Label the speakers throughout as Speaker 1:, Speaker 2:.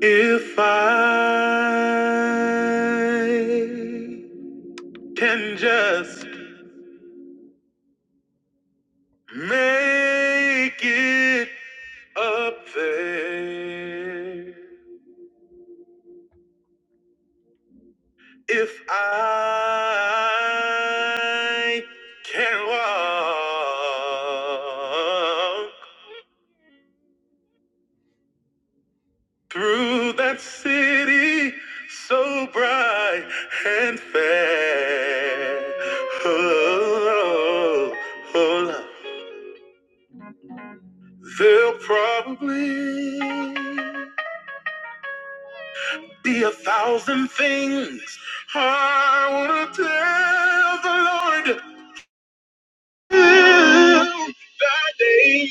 Speaker 1: If I can just make it up there, if I can walk through that city so bright and fair, oh, oh, oh. oh, There'll probably be a thousand things I want to tell the Lord that day.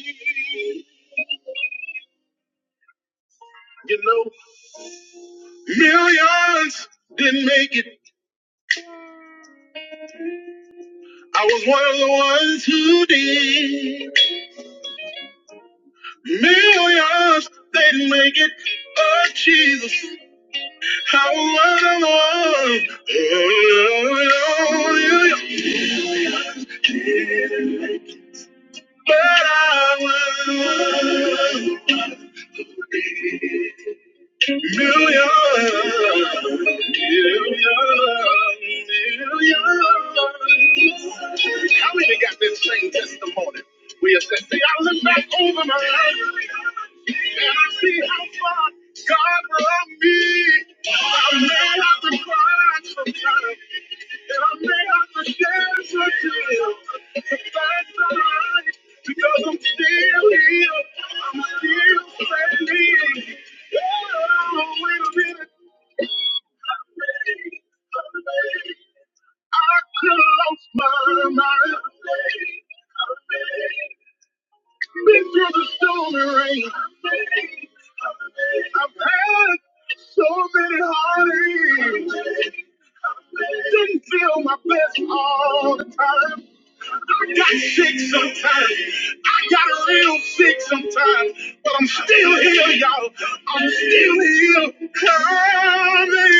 Speaker 1: You know, millions didn't make it. I was one of the ones who did. Millions didn't make it. Oh, Jesus. I was one of the ones. Oh, oh, oh, oh, that I was one. Million, million, million. How many got this same testimony? We have said, see, I look back over my life and I see how far God brought me. I may have to cry sometimes, and I may have to shed some tears. But that's all right, because I'm still here. I'm still didn't feel my best all the time. I got sick sometimes. I got real sick sometimes. But I'm still here, y'all. I'm still here. Coming.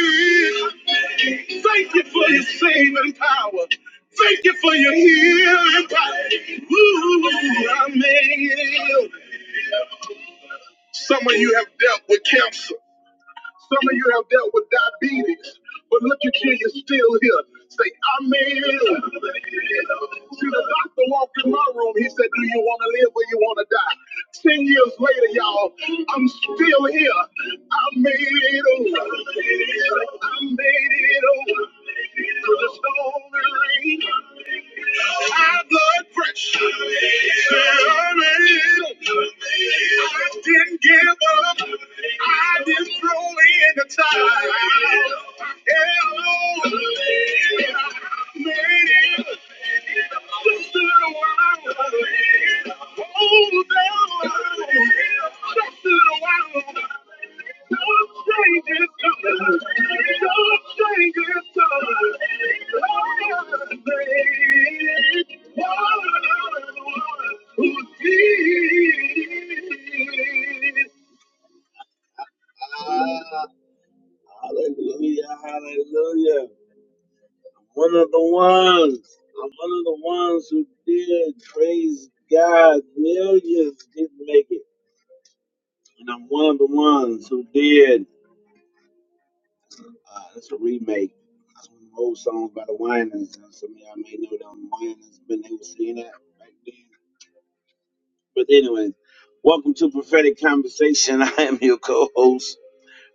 Speaker 1: Thank you for your saving power. Thank you for your healing power. Ooh, I made it. Some of you have dealt with cancer. Some of you have dealt with diabetes, but look at you, you're still here. Say, I'm in. See, the doctor walked in my room. He said, Do you want to live or you want to die? Ten years later, y'all, I'm still here. I made it over. I made it over. To the storm and rain. High blood pressure. Terminator. I didn't give up. I didn't throw in the towel. Hello. I Made it. Just a little while. Hallelujah, hallelujah. One of the ones. I'm one of the ones who did. Praise God. Millions didn't make it. And I'm one of the ones who did. Uh, that's a remake. That's one of the old songs by the Winans. Uh, Some of y'all may know them Winans, but they were singing that back then. But anyway, welcome to Prophetic Conversation. I am your co-host,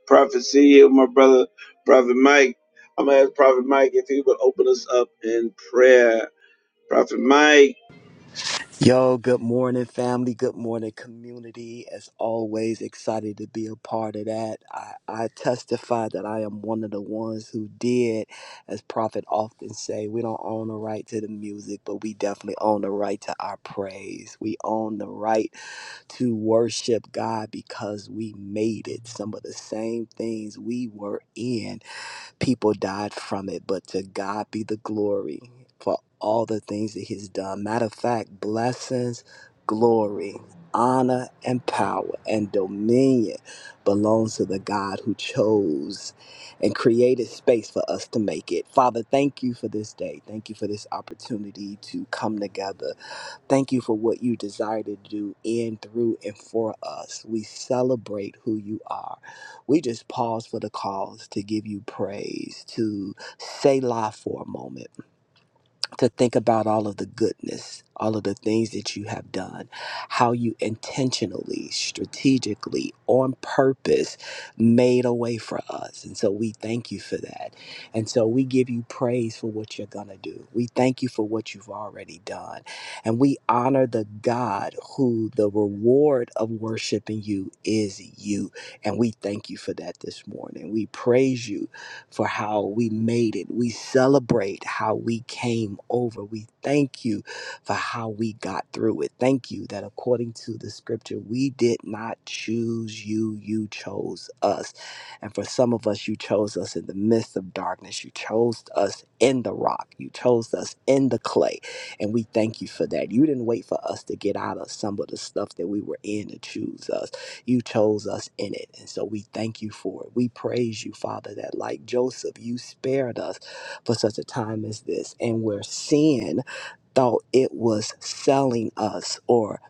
Speaker 1: Prophet CEO, my brother, Prophet Mike. I'm gonna ask Prophet Mike if he would open us up in prayer. Prophet Mike.
Speaker 2: Yo, good morning, family. Good morning, community. As always, excited to be a part of that. I, I testify that I am one of the ones who did, as Prophet often say, we don't own the right to the music, but we definitely own the right to our praise. We own the right to worship God because we made it. Some of the same things we were in People died from it, but to God be the glory for all the things that He's done. Matter of fact, blessings, glory, honor, and power and dominion belongs to the God who chose and created space for us to make it. Father, thank you for this day. Thank you for this opportunity to come together Thank you for what you desire to do in, through, and for us. We celebrate who you are. We just pause for the cause to give you praise, to say lie for a moment to think about all of the goodness, all of the things that you have done, how you intentionally, strategically, on purpose made a way for us. And so we thank you for that. And so we give you praise for what you're going to do. We thank you for what you've already done. And we honor the God who the reward of worshiping you is you. And we thank you for that this morning. We praise you for how we made it. We celebrate how we came over. We thank you for how we got through it. Thank you that according to the scripture, we did not choose you, you chose us. And for some of us, you chose us in the midst of darkness. You chose us in the rock. You chose us in the clay. And we thank you for that. You didn't wait for us to get out of some of the stuff that we were in to choose us you chose us in it. And so we thank you for it. We praise you, Father, that like Joseph, you spared us for such a time as this. And where sin thought it was selling us or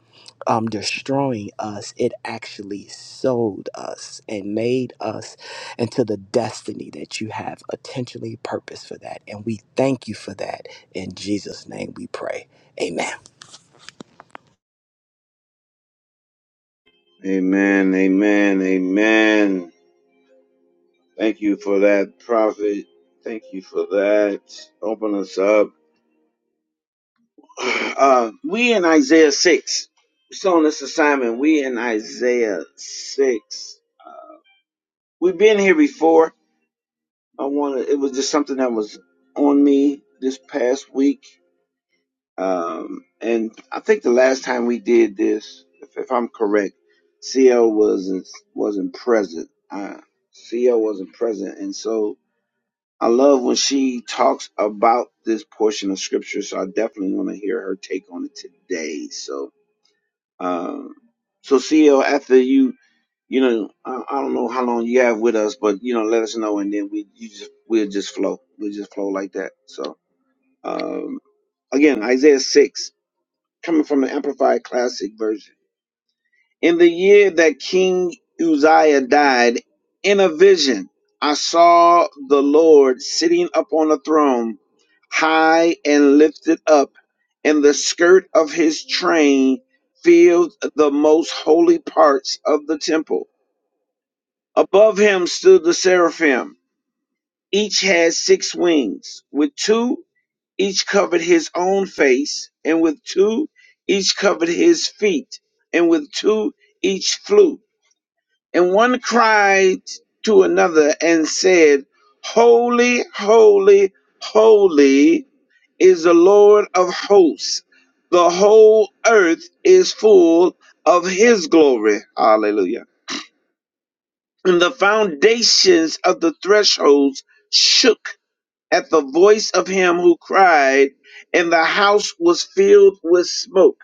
Speaker 2: um, destroying us, it actually sold us and made us into the destiny that you have intentionally purposed for that. And we thank you for that. In Jesus' name we pray. Amen.
Speaker 1: Amen. Amen. Amen. Thank you for that, Prophet. Thank you for that. Open us up. Uh, we in Isaiah 6. So on this assignment, we in Isaiah 6. We've been here before. I wanted, it was just something that was on me this past week. Um, and I think the last time we did this, if, if I'm correct, CL wasn't, wasn't present. Uh, CL wasn't present. And so I love when she talks about this portion of scripture. So I definitely want to hear her take on it today. So, Um, so CL, after you, you know, I, I don't know how long you have with us, but you know, let us know, and then we you just we'll just flow, we'll just flow like that. So um, again, Isaiah six coming from the Amplified Classic version. In the year that King Uzziah died, in a vision I saw the Lord sitting upon a throne, high and lifted up, and the skirt of his train filled the most holy parts of the temple. Above him stood the seraphim. Each had six wings. With two, each covered his own face, and with two, each covered his feet, and with two, each flew. And one cried to another and said, Holy, holy, holy is the Lord of hosts. The whole earth is full of his glory. Hallelujah. And the foundations of the thresholds shook at the voice of him who cried, and the house was filled with smoke.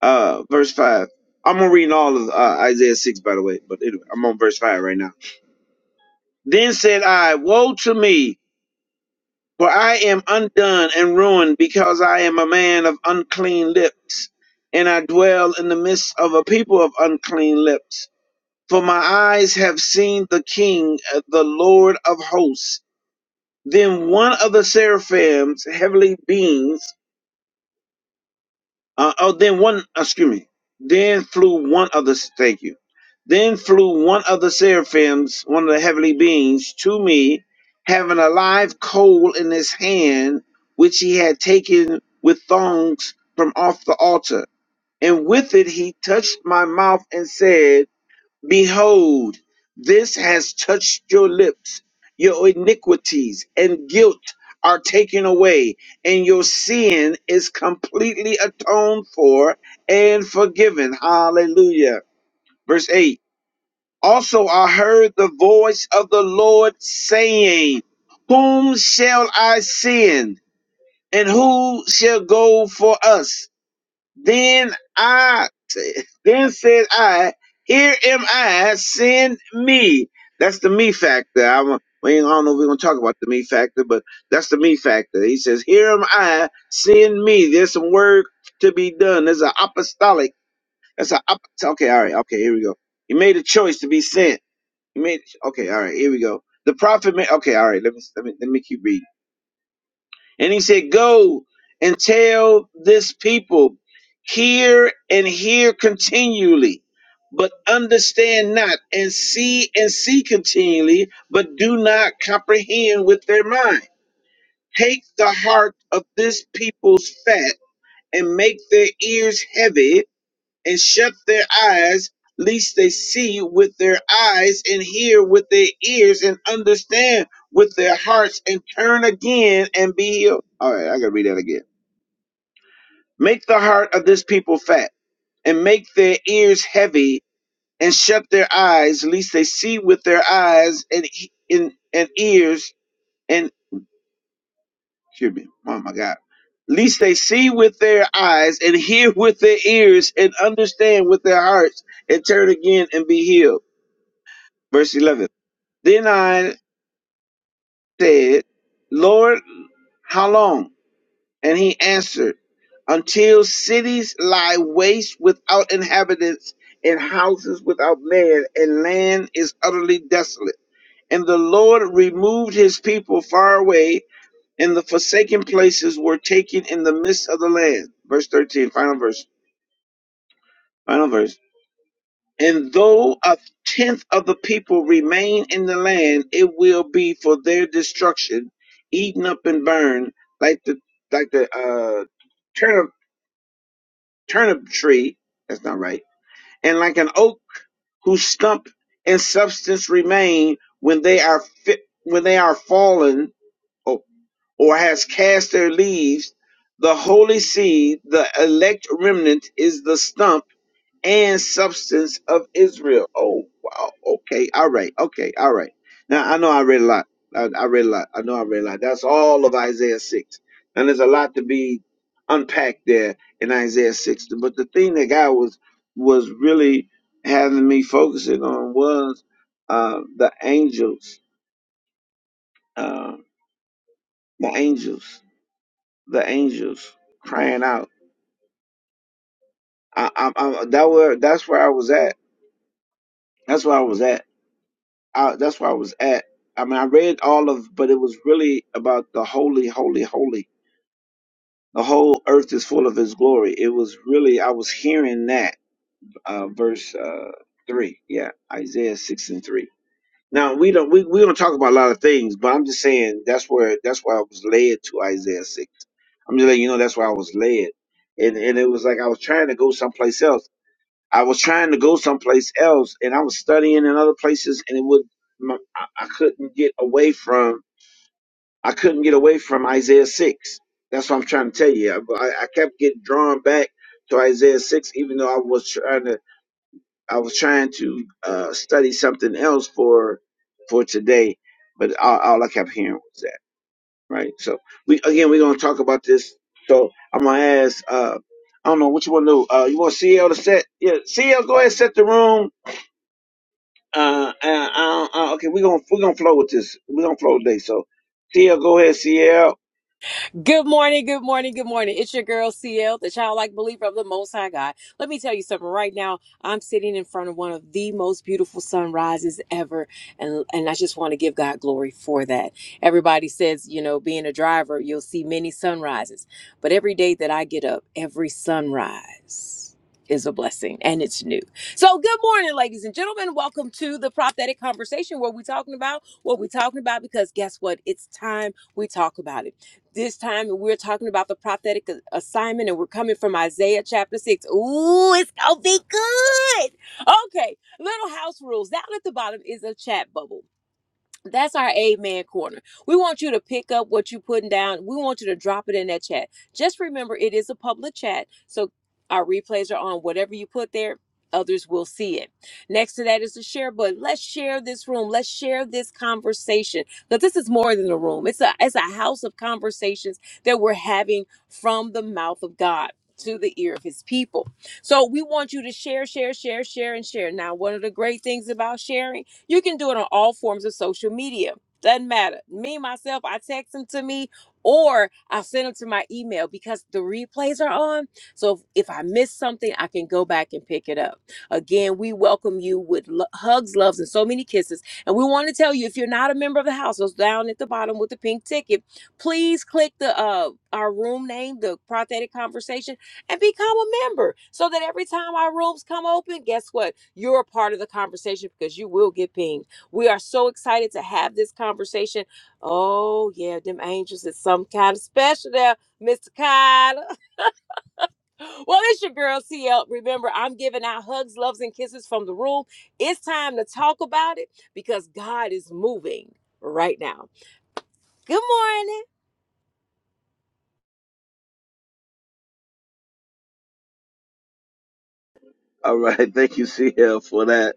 Speaker 1: Uh, verse 5. I'm gonna read all of uh, Isaiah 6, by the way, but anyway, I'm on verse 5 right now. Then said I, Woe to me, for I am undone and ruined, because I am a man of unclean lips, and I dwell in the midst of a people of unclean lips. For my eyes have seen the King, uh, the Lord of hosts. Then one of the seraphims, heavenly beings, Uh, oh, then one, excuse me. Then flew one of the, thank you. Then flew one of the seraphims, one of the heavenly beings, to me, having a live coal in his hand, which he had taken with thongs from off the altar. And with it he touched my mouth and said, Behold, this has touched your lips. Your iniquities and guilt are taken away, and your sin is completely atoned for and forgiven. Hallelujah. Verse 8 Also, I heard the voice of the Lord saying, Whom shall I send, and who shall go for us? Then I then said I, Here am I, send me. That's the me factor. I, wa- we ain't, I don't know if we're going to talk about the me factor, but that's the me factor. He says, Here am I, send me. There's some work to be done. There's an apostolic. That's an op- Okay, all right. Okay, here we go. He made a choice to be sent. He made, okay, all right, here we go. The prophet made, okay, all right, let me, let me, let me keep reading. And he said, Go and tell this people, hear and hear continually, but understand not, and see and see continually, but do not comprehend with their mind. Take the heart of this people's fat and make their ears heavy and shut their eyes, lest they see with their eyes and hear with their ears and understand with their hearts and turn again and be healed. All right, I gotta read that again. Make the heart of this people fat and make their ears heavy and shut their eyes, lest they see with their eyes and he- and, and ears and excuse me, oh my God. Lest they see with their eyes and hear with their ears and understand with their hearts and turn again and be healed. Verse 11. Then I said, Lord, how long? And he answered, until cities lie waste without inhabitants and houses without man and land is utterly desolate. And the Lord removed his people far away and the forsaken places were taken in the midst of the land. Verse 13, final verse, final verse. And though a tenth of the people remain in the land, it will be for their destruction, eaten up and burned, like the like the uh, turnip turnip tree. That's not right. And like an oak whose stump and substance remain when they are fit, when they are fallen or, or has cast their leaves, the holy seed, the elect remnant, is the stump and substance of Israel. Oh, wow. Okay. All right. Okay. All right. Now, I know I read a lot. I, I read a lot. I know I read a lot. That's all of Isaiah 6. And there's a lot to be unpacked there in Isaiah 6. But the thing that God was was really having me focusing on was uh, the angels, uh, the angels, the angels crying out. I, I, I, that where that's where I was at. That's where I was at I, that's where I was at. I mean, I read all of, but it was really about the holy, holy, holy. The whole earth is full of His glory. It was really I was hearing that uh, verse uh, three, yeah, Isaiah six and three. Now we don't we, we don't talk about a lot of things, but I'm just saying that's where that's why I was led to Isaiah six. I'm just letting you know that's why I was led, and and it was like I was trying to go someplace else I was trying to go someplace else, and I was studying in other places, and it would my, I I couldn't get away from I couldn't get away from Isaiah six. That's what I'm trying to tell you. I, I I kept getting drawn back to Isaiah six, even though I was trying to I was trying to uh, study something else for for today. But all, all I kept hearing was that, right? So we again we're gonna talk about this. So I'm gonna ask. Uh, I don't know what you want to do. Uh, you want CL to set? Yeah, CL, go ahead and set the room Uh, uh, uh, uh, okay, we're gonna we're gonna flow with this. We're gonna flow today. So, CL, go ahead, CL.
Speaker 3: Good morning, good morning, good morning. It's your girl CL, the childlike believer of the Most High God. Let me tell you something. Right now, I'm sitting in front of one of the most beautiful sunrises ever, and and I just want to give God glory for that. Everybody says, you know, being a driver, you'll see many sunrises, but every day that I get up, every sunrise is a blessing and it's new. So, good morning, ladies and gentlemen. Welcome to the prophetic conversation. What we talking about? What we talking about? Because guess what? It's time we talk about it this time and we're talking about the prophetic assignment and we're coming from Isaiah chapter 6. Ooh, it's gonna be good. Okay, little house rules. Down at the bottom is a chat bubble. That's our amen corner. We want you to pick up what you're putting down. We want you to drop it in that chat. Just remember, it is a public chat. So our replays are on. Whatever you put there, others will see it. Next to that is the share button. Let's share this room. Let's share this conversation. Because this is more than a room, it's a, it's a house of conversations that we're having from the mouth of God. To the ear of his people. So we want you to share, share, share, share, and share. Now, one of the great things about sharing you can do it on all forms of social media. Doesn't matter. Me, myself, I text them to me or I'll send them to my email because the replays are on. So if, if I miss something, I can go back and pick it up. Again, we welcome you with lo- hugs, loves, and so many kisses. And we want to tell you if you're not a member of the house, it's down at the bottom with the pink ticket. Please click the uh our room name, the prophetic conversation and become a member so that every time our rooms come open, guess what? You're a part of the conversation because you will get pinged. We are so excited to have this conversation. Oh, yeah, them angels is some kind of special there, Mr. Kyle. Well, it's your girl, CL. Remember, I'm giving out hugs, loves, and kisses from the room. It's time to talk about it because God is moving right now. Good morning.
Speaker 1: All right, thank you, CL, for that.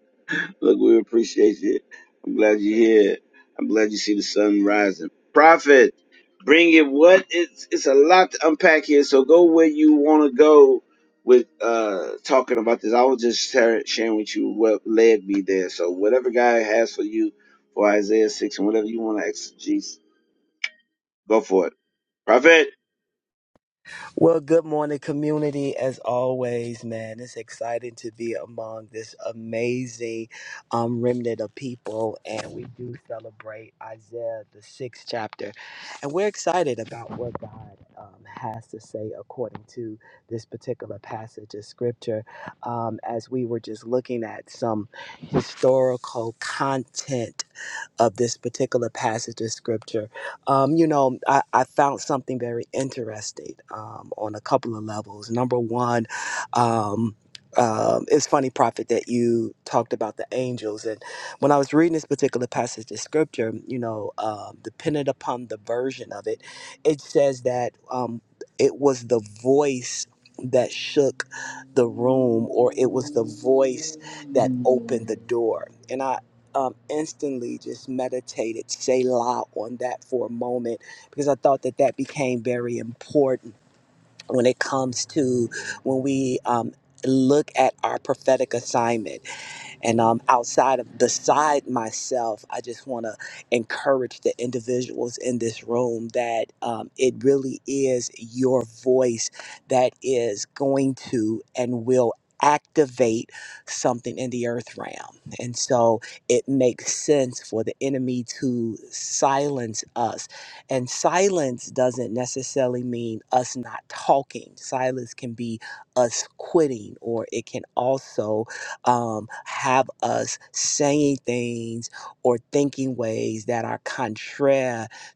Speaker 1: Look, we appreciate you. I'm glad you're here. I'm glad you see the sun rising. Prophet, bring it. What it's it's a lot to unpack here. So go where you want to go with uh talking about this. I was just shar- sharing with you what led me there. So whatever God has for you for Isaiah six and whatever you want to exegete, go for it. Prophet.
Speaker 2: Well, good morning, community. As always, man, it's exciting to be among this amazing um, remnant of people, and we do celebrate Isaiah the sixth chapter, and we're excited about what God um, has to say according to this particular passage of scripture. Um, as we were just looking at some historical content of this particular passage of scripture, um, you know, I, I found something very interesting um, on a couple of levels. Number one, um, um, it's funny, Prophet, that you talked about the angels. And when I was reading this particular passage of scripture, you know, um, dependent upon the version of it, it says that um, it was the voice that shook the room or it was the voice that opened the door. and I um, instantly just meditated Selah on that for a moment because I thought that that became very important when it comes to when we um, look at our prophetic assignment. And um, outside of beside myself, I just want to encourage the individuals in this room that um, it really is your voice that is going to and will activate something in the earth realm. And so it makes sense for the enemy to silence us. And silence doesn't necessarily mean us not talking. Silence can be us quitting or it can also um, have us saying things or thinking ways that are contrary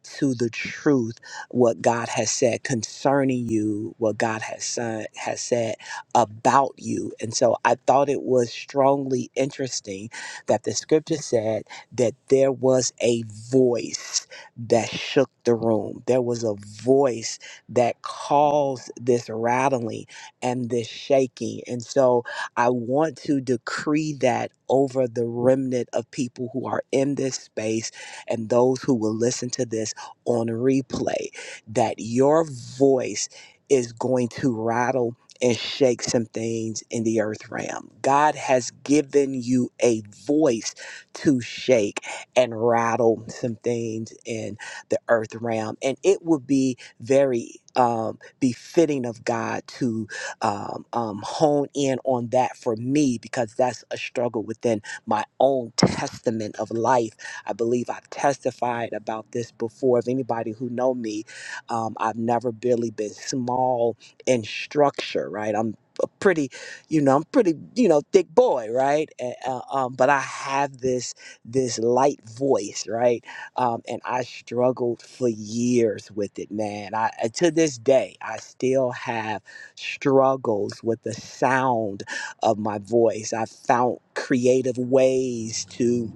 Speaker 2: to the truth, what God has said concerning you, what God has, son, has said about you. And so I thought it was strongly interesting that the scripture said that there was a voice that shook the room, there was a voice that caused this rattling and this shaking. And so I want to decree that over the remnant of people who are in this space and those who will listen to this on replay that your voice is going to rattle and shake some things in the earth realm. God has given you a voice to shake and rattle some things in the earth realm. And it would be very um, befitting of God to um, um, hone in on that for me because that's a struggle within my own testament of life. I believe I've testified about this before. If anybody who know me, um, I've never really been small in structure, right? I'm a pretty, you know, I'm pretty, you know, thick boy, right? And, uh, um, but I have this this light voice, right? Um, and I struggled for years with it, man. I uh, to this day, I still have struggles with the sound of my voice. I found creative ways to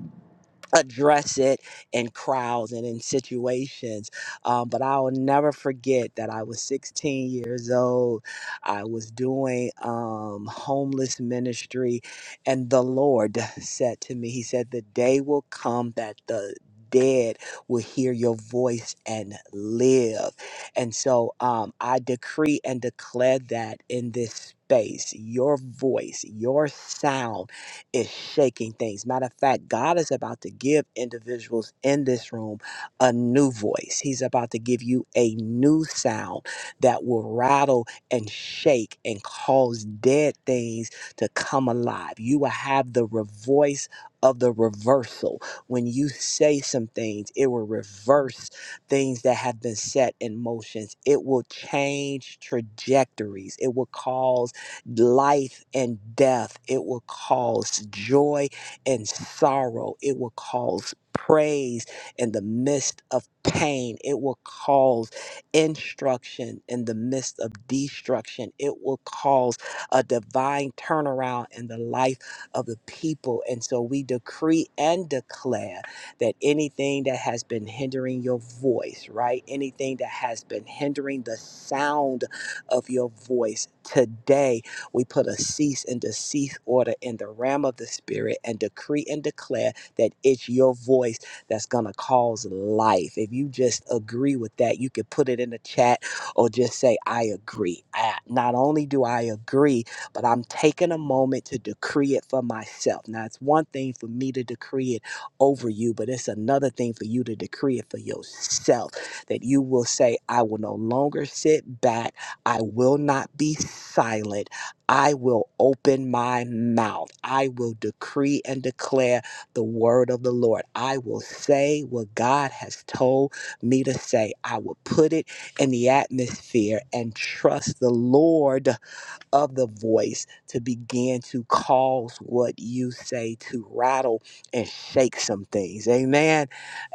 Speaker 2: address it in crowds and in situations. Um, but I'll never forget that I was 16 years old. I was doing um, homeless ministry, and the Lord said to me, He said, The day will come that the Dead will hear your voice and live. And so um, I decree and declare that in this space, your voice, your sound, is shaking things. Matter of fact, God is about to give individuals in this room a new voice. He's about to give you a new sound that will rattle and shake and cause dead things to come alive. You will have the re- voice of the reversal. When you say some things, it will reverse things that have been set in motions. It will change trajectories. It will cause life and death. It will cause joy and sorrow. It will cause praise in the midst of pain. It will cause instruction in the midst of destruction. It will cause a divine turnaround in the life of the people. And so we decree and declare that anything that has been hindering your voice, right? Anything that has been hindering the sound of your voice today we put a cease and desist order in the realm of the spirit and decree and declare that it's your voice that's going to cause life. If you just agree with that, you can put it in the chat or just say, I agree. I, not only do I agree, but I'm taking a moment to decree it for myself. Now, it's one thing for me to decree it over you, but it's another thing for you to decree it for yourself that you will say, I will no longer sit back. I will not be silent. I will open my mouth. I will decree and declare the word of the Lord. I will say what God has told me to say. I will put it in the atmosphere and trust the Lord of the voice to begin to cause what you say to rattle and shake some things. Amen.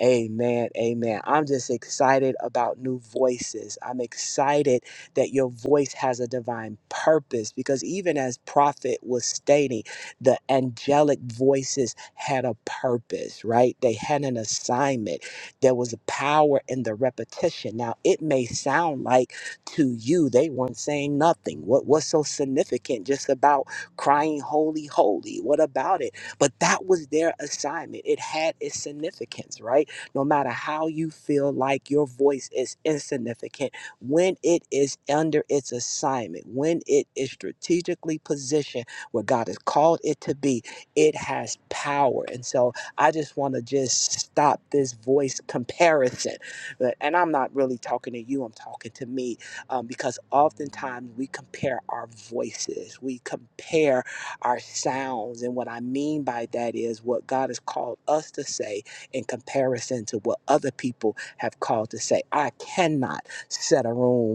Speaker 2: Amen. Amen. I'm just excited about new voices. I'm excited that your voice has a divine purpose because even as prophet was stating, the angelic voices had a purpose, right? They had an assignment. There was a power in the repetition. Now, it may sound like to you. They weren't saying nothing. What was so significant just about crying, holy, holy? What about it? But that was their assignment. It had its significance, right? No matter how you feel like your voice is insignificant, when it is under its assignment, when it is strategically positioned where God has called it to be, it has power. And so I just want to just stop this voice comparison. But- And I'm not really talking to you, I'm talking to me um, because oftentimes we compare our voices, we compare our sounds. And what I mean by that is what God has called us to say in comparison to what other people have called to say. I cannot set a room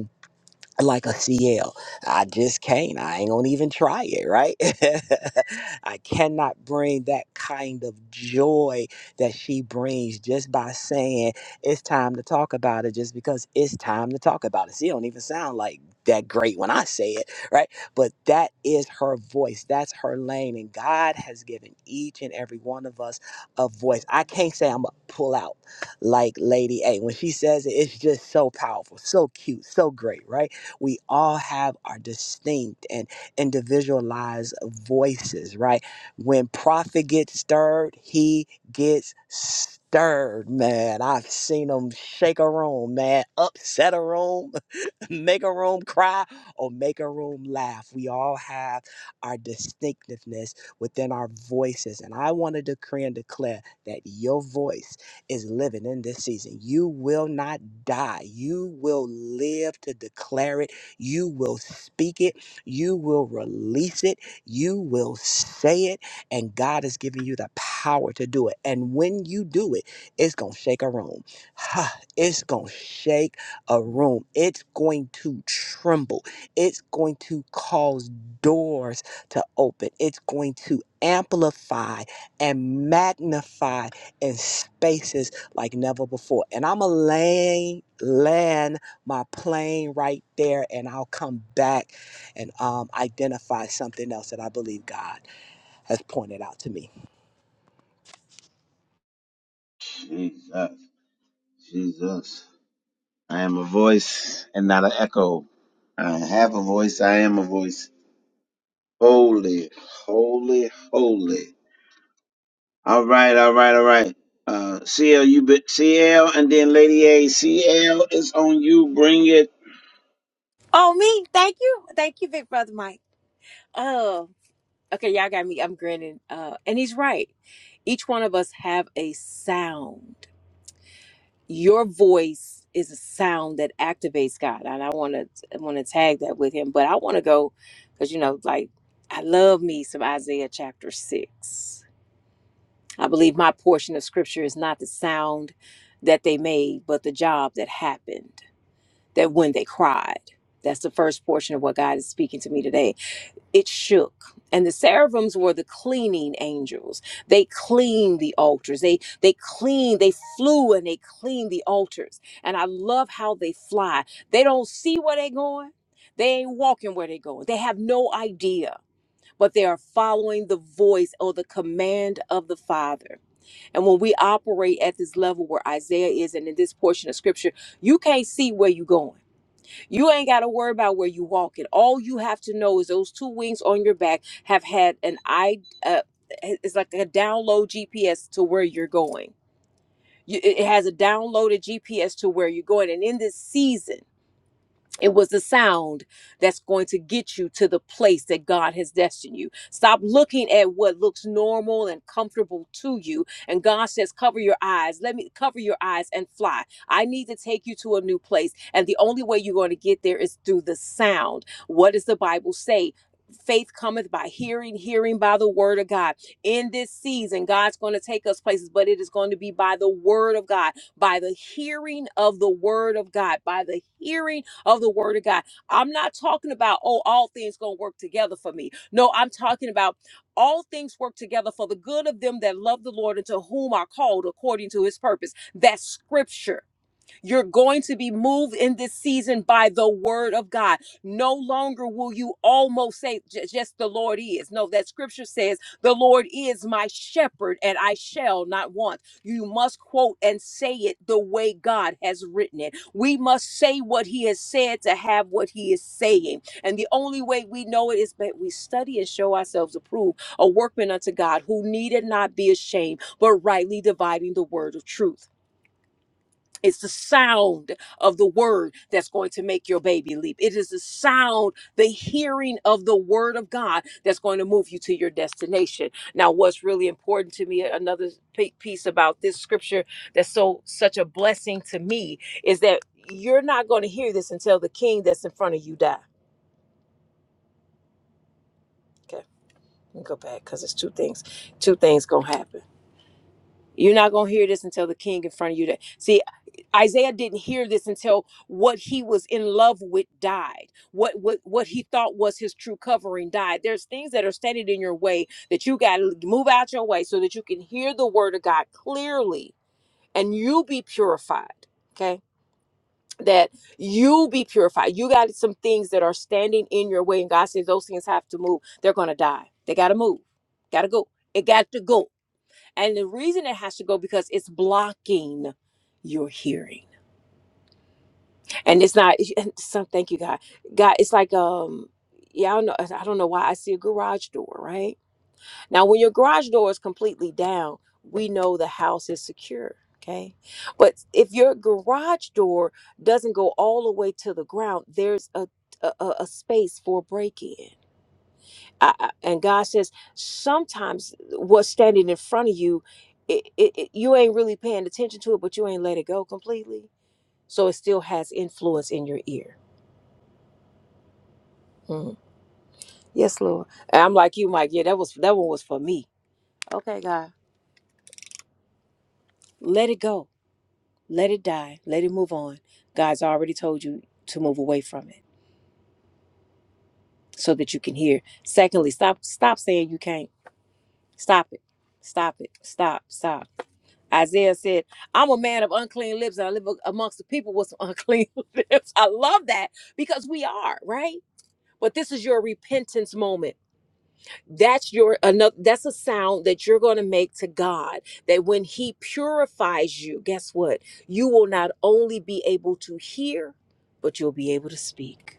Speaker 2: like a CL. I just can't. I ain't gonna even try it, right? I cannot bring that kind of joy that she brings just by saying it's time to talk about it, just because it's time to talk about it. She don't even sound like that great when I say it, right? But that is her voice. That's her lane. And God has given each and every one of us a voice. I can't say I'm gonna pull out like Lady A. When she says it, it's just so powerful, so cute, so great, right? We all have our distinct and individualized voices, right? When prophet gets stirred, he gets stirred, man. I've seen him shake a room, man, upset a room, make a room cry, or make a room laugh. We all have our distinctiveness within our voices. And I want to decree and declare that your voice is living in this season. You will not die. You will live to declare it you will speak it. You will release it. You will say it. And God has given you the power to do it. And when you do it, it's going to shake a room. Ha, it's going to shake a room. It's going to tremble. It's going to cause doors to open. It's going to amplify and magnify in spaces like never before. And I'm a land, land my plane right there and I'll come back and um, identify something else that I believe God has pointed out to me.
Speaker 1: Jesus, Jesus. I am a voice and not an echo. I have a voice. I am a voice. Holy, holy, holy. All right, all right, all right. Uh, CL, you been CL, and then Lady A. CL is on you. Bring it.
Speaker 3: Oh, me? Thank you. Thank you, Big Brother Mike. Oh. Okay, y'all got me. I'm grinning. Uh, and he's right. Each one of us have a sound. Your voice is a sound that activates God, and I want to want to tag that with him. But I want to go because you know, like I love me some Isaiah chapter six. I believe my portion of scripture is not the sound that they made, but the job that happened. That when they cried, that's the first portion of what God is speaking to me today it shook and the seraphims were the cleaning angels they cleaned the altars they they cleaned they flew and they cleaned the altars and i love how they fly they don't see where they're going they ain't walking where they're going they have no idea but they are following the voice or the command of the father and when we operate at this level where isaiah is and in this portion of scripture you can't see where you're going you ain't got to worry about where you walking. All you have to know is those two wings on your back have had an I. Uh, eh, it's like a download GPS to where you're going. You, it it has a downloaded GPS to where you're going. And in this season. It was the sound that's going to get you to the place that God has destined you. Stop looking at what looks normal and comfortable to you. And God says, cover your eyes. Let me cover your eyes and fly. I need to take you to a new place. And the only way you're going to get there is through the sound. What does the Bible say? Faith cometh by hearing, hearing by the word of God. In this season, God's going to take us places, but it is going to be by the word of God, by the hearing of the word of God, by the hearing of the word of God. I'm not talking about, oh, all things gonna work together for me. No, I'm talking about all things work together for the good of them that love the Lord and to whom are called according to his purpose. That's scripture you're going to be moved in this season by the word of God. No longer will you almost say, "Ju- just the Lord is. No, that scripture says, the Lord is my shepherd and I shall not want. You must quote and say it the way God has written it. We must say what he has said to have what he is saying. And the only way we know it is that we study and show ourselves approved, a workman unto God who needed not be ashamed, but rightly dividing the word of truth. It's the sound of the word that's going to make your baby leap. It is the sound, the hearing of the word of God that's going to move you to your destination. Now, what's really important to me, another pi- piece about this scripture that's so such a blessing to me, is that you're not going to hear this until the king that's in front of you die. Okay, let me go back because it's two things. Two things gonna happen. You're not going to hear this until the king in front of you. That See, Isaiah didn't hear this until what he was in love with died. What what what he thought was his true covering died. There's things that are standing in your way that you got to move out your way so that you can hear the word of God clearly and you be purified. Okay? That you be purified. You got some things that are standing in your way and God says those things have to move. They're going to die. They got to move. Got to go. It got to go and the reason it has to go because it's blocking your hearing. And it's not some thank you God. God, it's like um yeah, I don't know I don't know why I see a garage door, right? Now when your garage door is completely down, we know the house is secure. Okay. But if your garage door doesn't go all the way to the ground, there's a a, a a space for break in. I, I- and God says sometimes what's standing in front of you, it, it, it- you ain't really paying attention to it, but you ain't let it go completely. So it still has influence in your ear. Mhm. Yes, Lord. And I'm like you, Mike. Yeah, that was that one was for me. Okay, God, let it go, let it die, let it move on. God's already told you to move away from it so that you can hear. Secondly, stop stop saying you can't. Stop it. Stop it. Stop. Stop. Isaiah said, I'm a man of unclean lips and I live a- amongst the people with some unclean lips. I love that because we are, right? But this is your repentance moment. That's your another that's a sound that you're going to make to God that when he purifies you, guess what? You will not only be able to hear, but you'll be able to speak.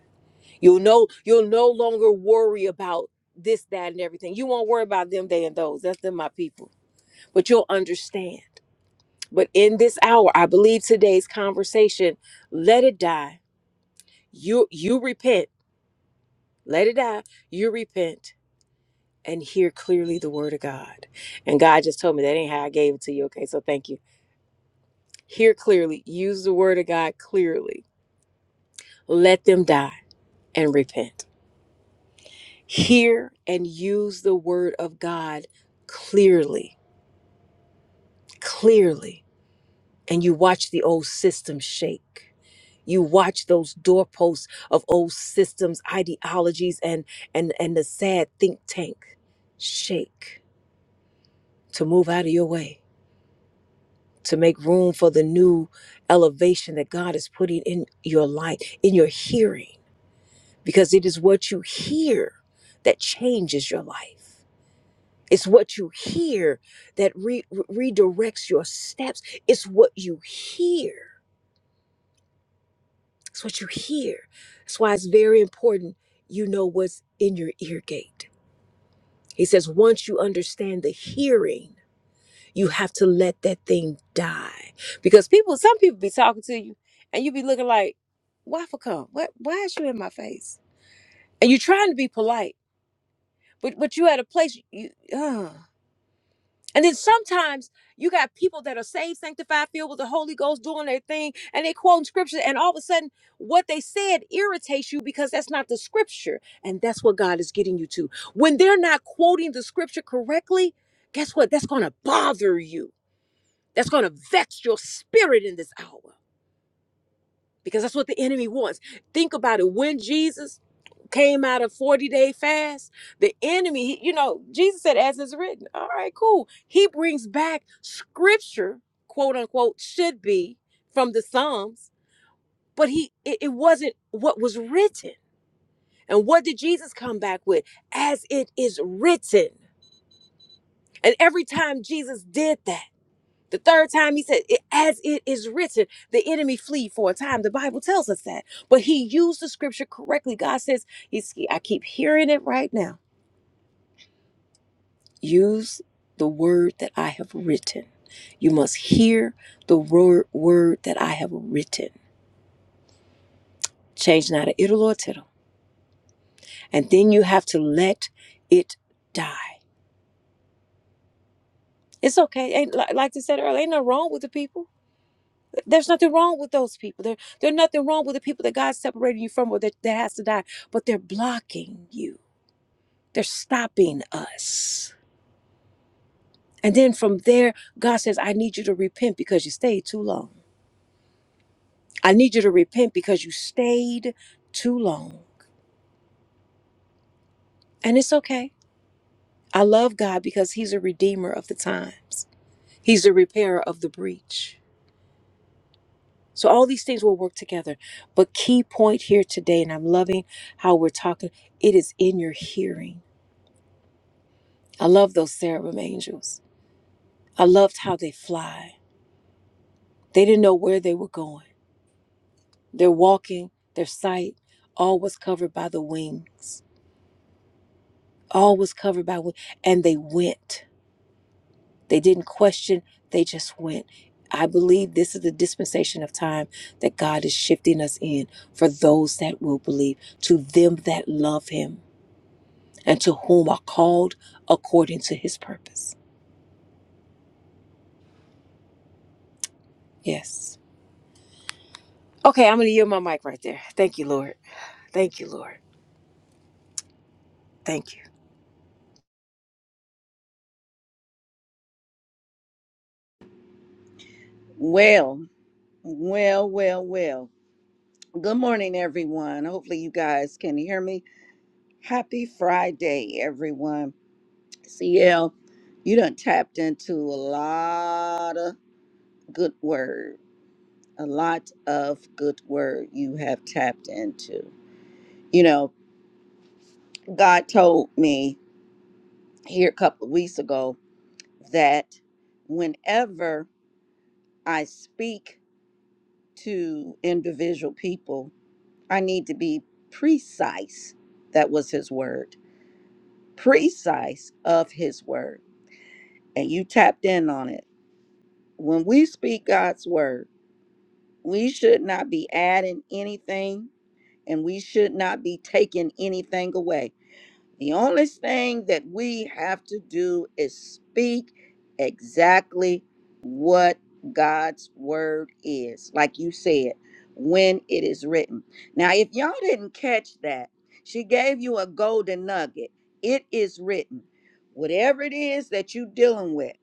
Speaker 3: You'll know you'll no longer worry about this, that, and everything. You won't worry about them, they, and those. That's them, my people. But you'll understand. But in this hour, I believe today's conversation, let it die. You you repent. Let it die. You repent and hear clearly the word of God. And God just told me that ain't how I gave it to you. Okay, so thank you. Hear clearly. Use the word of God clearly. Let them die and repent. Hear and use the word of God clearly. Clearly. And you watch the old system shake. you watch those doorposts of old systems ideologies and and and the sad think tank shake to move out of your way to make room for the new elevation that god is putting in your life in your hearing because it is what you hear that changes your life it's what you hear that re- re- redirects your steps it's what you hear It's what you hear. That's why it's very important you know what's in your ear gate. He says, once you understand the hearing, you have to let that thing die. Because people, some people be talking to you and you be looking like, why for come? What why is you in my face? And you're trying to be polite, but but you at a place you uh And then sometimes you got people that are saved, sanctified, filled with the Holy Ghost, doing their thing, and they quoting scripture, and all of a sudden, what they said irritates you because that's not the scripture, and that's what God is getting you to. When they're not quoting the scripture correctly, guess what? That's going to bother you. That's going to vex your spirit in this hour because that's what the enemy wants. Think about it. When Jesus came out of 40 day fast, the enemy, he- you know, Jesus said, as it's written, all right, cool. He brings back scripture, quote unquote, should be from the Psalms, but he it, it wasn't what was written. And what did Jesus come back with? As it is written. And every time Jesus did that, the third time he said, "It- as it is written, the enemy flee for a time. The Bible tells us that. But he used the scripture correctly. God says, you see, I keep hearing it right now. Use the word that I have written. You must hear the word, word that I have written. Change not a iddle or tittle. And then you have to let it die. It's okay. Ain't, like like they said earlier, ain't nothing wrong with the people. There's nothing wrong with those people. There, there's nothing wrong with the people that God separated you from or that, that has to die, but they're blocking you. They're stopping us. And then from there, God says, I need you to repent because you stayed too long. I need you to repent because you stayed too long. And it's okay. I love God because He's a redeemer of the times, He's a repairer of the breach. So all these things will work together. But key point here today, and I'm loving how we're talking, it is in your hearing. I love those cherubim angels. I loved how they fly. They didn't know where they were going. Their walking, their sight, all was covered by the wings. All was covered by wings. And they went. They didn't question, they just went. I believe this is the dispensation of time that God is shifting us in for those that will believe, to them that love Him, and to whom are called according to His purpose. Yes. Okay, I'm going to yield my mic right there. Thank you, Lord. Thank you, Lord. Thank you.
Speaker 4: Well, well, well, well. Good morning, everyone. Hopefully, you guys can hear me. Happy Friday, everyone. CL, you done tapped into a lot of good word, a lot of good word you have tapped into. You know, God told me here a couple of weeks ago that whenever I speak to individual people, I need to be precise. That was his word. Precise of his word. And you tapped in on it. When we speak God's word, we should not be adding anything and we should not be taking anything away. The only thing that we have to do is speak exactly what God's word is, like you said, when it is written. Now, if y'all didn't catch that, she gave you a golden nugget. It is written. Whatever it is that you're dealing with,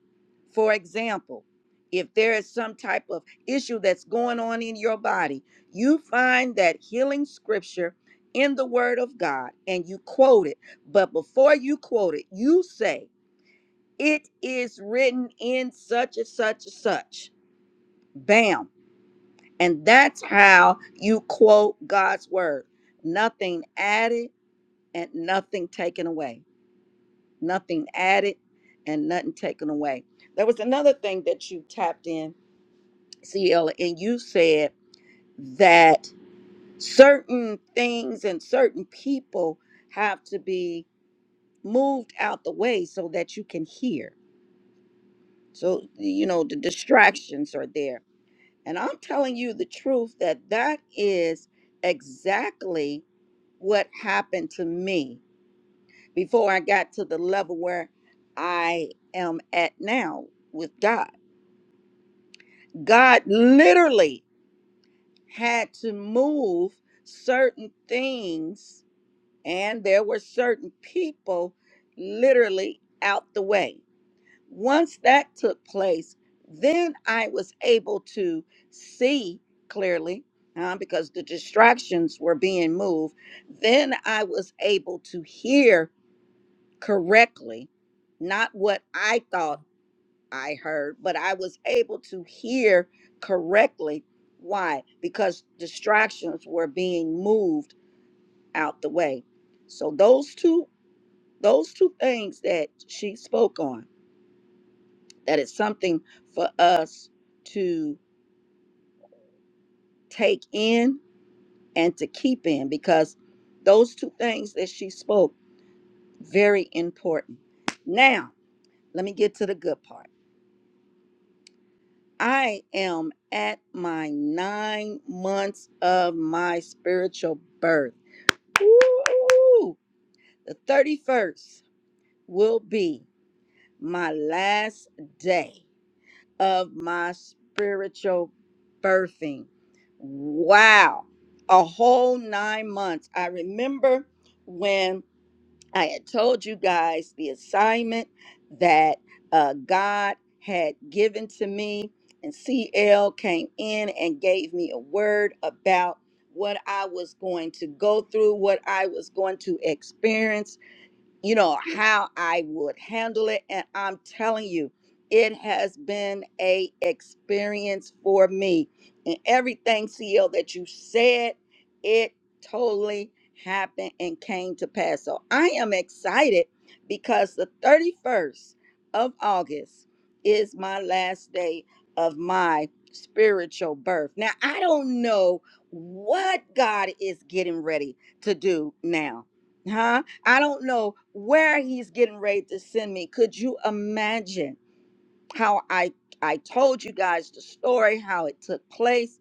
Speaker 4: for example, if there is some type of issue that's going on in your body, you find that healing scripture in the Word of God and you quote it but before you quote it, you say, It is written in such and such and such. Bam. And that's how you quote God's word. Nothing added and nothing taken away. Nothing added and nothing taken away. There was another thing that you tapped in, CL, and you said that certain things and certain people have to be moved out the way so that you can hear So, you know, the distractions are there. And I'm telling you the truth that that is exactly what happened to me before I got to the level where I am at now with God. God literally had to move certain things, and there were certain people literally out the way once that took place, then I was able to see clearly uh, because the distractions were being moved. Then I was able to hear correctly, not what I thought I heard, but I was able to hear correctly. Why? Because distractions were being moved out the way. So those two those two things that she spoke on that it's something for us to take in and to keep in because those two things that she spoke very important now let me get to the good part i am at my nine months of my spiritual birth Woo! the 31st will be my last day of my spiritual birthing. Wow. A whole nine months. I remember when I had told you guys the assignment that uh, God had given to me, and CL came in and gave me a word about what I was going to go through, what I was going to experience you know how I would handle it and I'm telling you it has been a experience for me and everything CL that you said it totally happened and came to pass so I am excited because the 31st of August is my last day of my spiritual birth now I don't know what God is getting ready to do now huh I don't know where he's getting ready to send me. Could you imagine how I I told you guys the story, how it took place,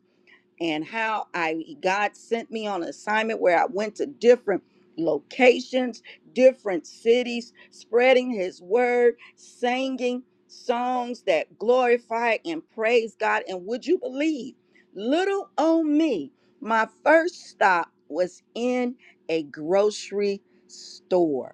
Speaker 4: and how I God sent me on assignment where I went to different locations, different cities, spreading his word, singing songs that glorify and praise God. And would you believe, little old me, my first stop was in a grocery store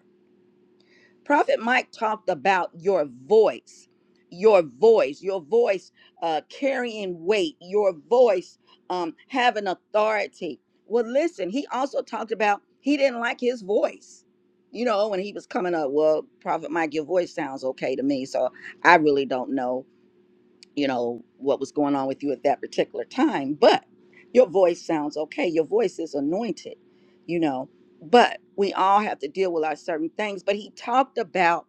Speaker 4: Prophet Mike talked about your voice, your voice, your voice uh, carrying weight, your voice um, having authority. Well, listen, he also talked about he didn't like his voice. You know, when he was coming up, well, Prophet Mike, your voice sounds okay to me, so I really don't know you know what was going on with you at that particular time but your voice sounds okay your voice is anointed you know but we all have to deal with our certain things but he talked about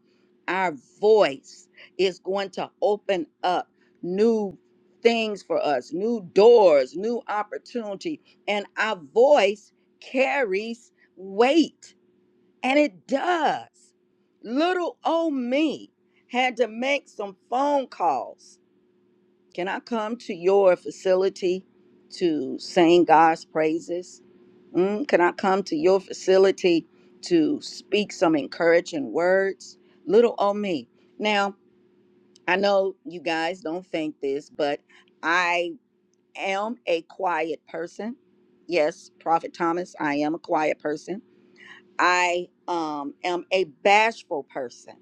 Speaker 4: our voice is going to open up new things for us new doors new opportunity and our voice carries weight and it does little old me had to make some phone calls can I come to your facility to sing God's praises? Mm, can I come to your facility to speak some encouraging words? Little old me. Now, I know you guys don't think this, but I am a quiet person. Yes, Prophet Thomas, I am a quiet person. I um, am a bashful person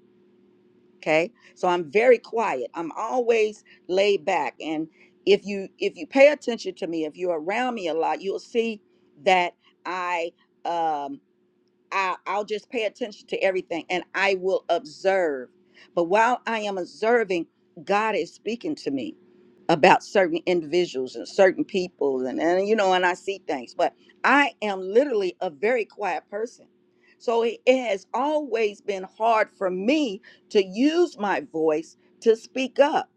Speaker 4: okay so i'm very quiet i'm always laid back and if you if you pay attention to me if you're around me a lot you'll see that i um I, I'll just pay attention to everything and I will observe. But while I am observing, God is speaking to me about certain individuals and certain people and, and you know and I see things but I am literally a very quiet person so it, it has always been hard for me to use my voice to speak up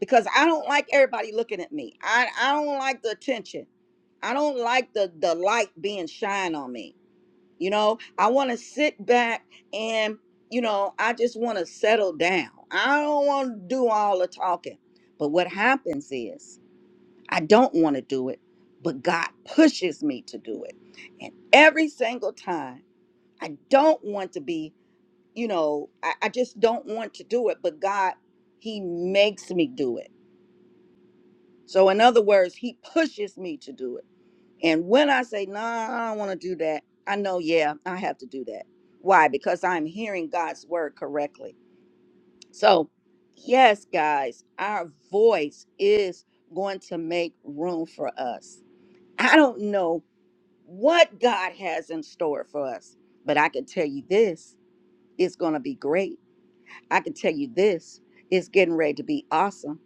Speaker 4: because I don't like everybody looking at me I, I don't like the attention I don't like the the light being shined on me you know, I want to sit back and, you know, I just want to settle down. I don't want to do all the talking. But what happens is I don't want to do it, but God pushes me to do it. And every single time I don't want to be, you know, I, I just don't want to do it, but God, He makes me do it. So, in other words, He pushes me to do it. And when I say, nah, I don't want to do that, I know, yeah, I have to do that. Why? Because I'm hearing God's word correctly. So, yes, guys, our voice is going to make room for us. I don't know what God has in store for us, but I can tell you this it's going to be great. I can tell you this it's getting ready to be awesome.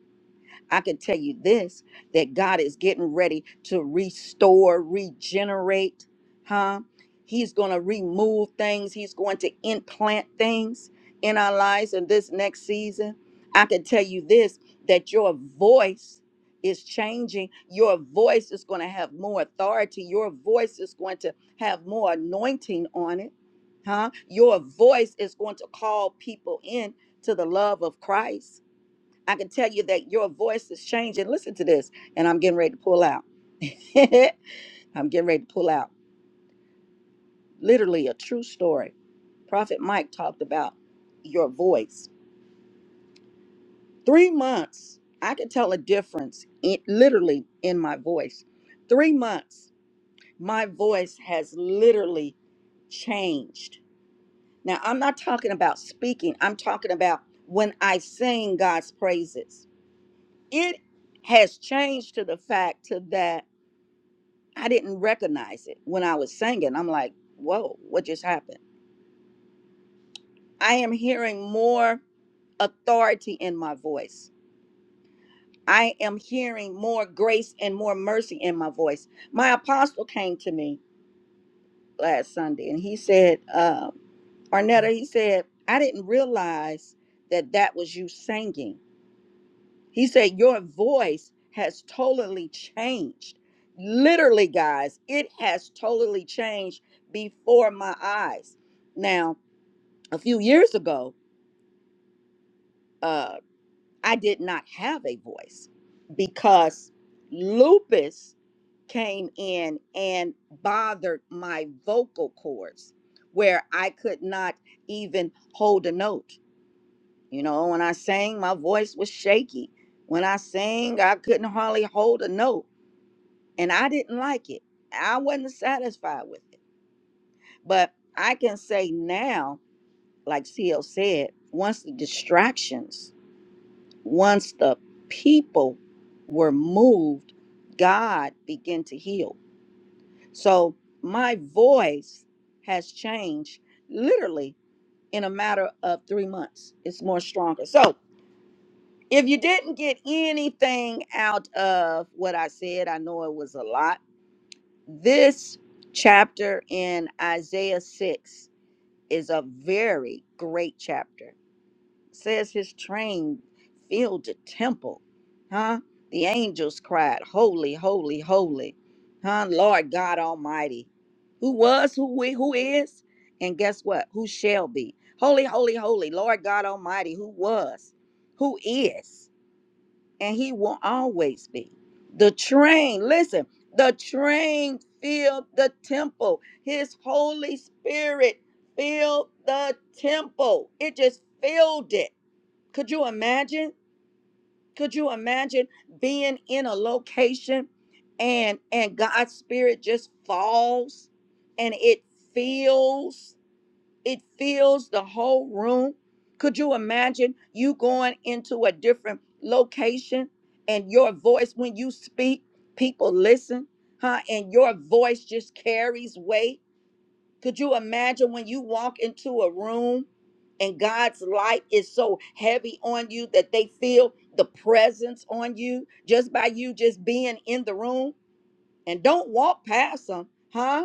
Speaker 4: I can tell you this that God is getting ready to restore, regenerate, huh? He's going to remove things, He's going to implant things in our lives in this next season. I can tell you this that your voice is changing. Your voice is going to have more authority. Your voice is going to have more anointing on it. Huh? Your voice is going to call people in to the love of Christ I can tell you that your voice is changing. Listen to this. And I'm getting ready to pull out. I'm getting ready to pull out. Literally a true story. Prophet Mike talked about your voice. Three months, I could tell a difference in, literally in my voice. Three months, my voice has literally changed. Now, I'm not talking about speaking, I'm talking about when I sing God's praises. It has changed to the fact to that. I didn't recognize it when I was singing. I'm like, whoa, what just happened? I am hearing more authority in my voice. I am hearing more grace and more mercy in my voice. My apostle came to me last Sunday and he said, um, Arnetta, he said, I didn't realize that that was you singing. He said, Your voice has totally changed. Literally, guys, it has totally changed before my eyes. Now, a few years ago, uh, I did not have a voice because lupus came in and bothered my vocal cords where I could not even hold a note. You know, when I sang, my voice was shaky. When I sang, I couldn't hardly hold a note and I didn't like it. I wasn't satisfied with it. But I can say now, like CL said, once the distractions, once the people were moved, God began to heal. So my voice has changed literally in a matter of three months. It's more stronger. So if you didn't get anything out of what I said, I know it was a lot This chapter in Isaiah 6 is a very great chapter. It says his train filled the temple, huh? The angels cried, Holy, holy, holy, huh? Lord God Almighty, who was, who we, who is, and guess what? Who shall be? Holy, holy, holy, Lord God Almighty, who was, who is and he will always be. The train, listen, the train filled the temple. His Holy Spirit filled the temple. It just filled it. Could you imagine? Could you imagine being in a location and and God's spirit just falls and it fills it fills the whole room. Could you imagine you going into a different location and your voice when you speak, people listen, huh? And your voice just carries weight. Could you imagine when you walk into a room and God's light is so heavy on you that they feel the presence on you just by you just being in the room and don't walk past them, huh?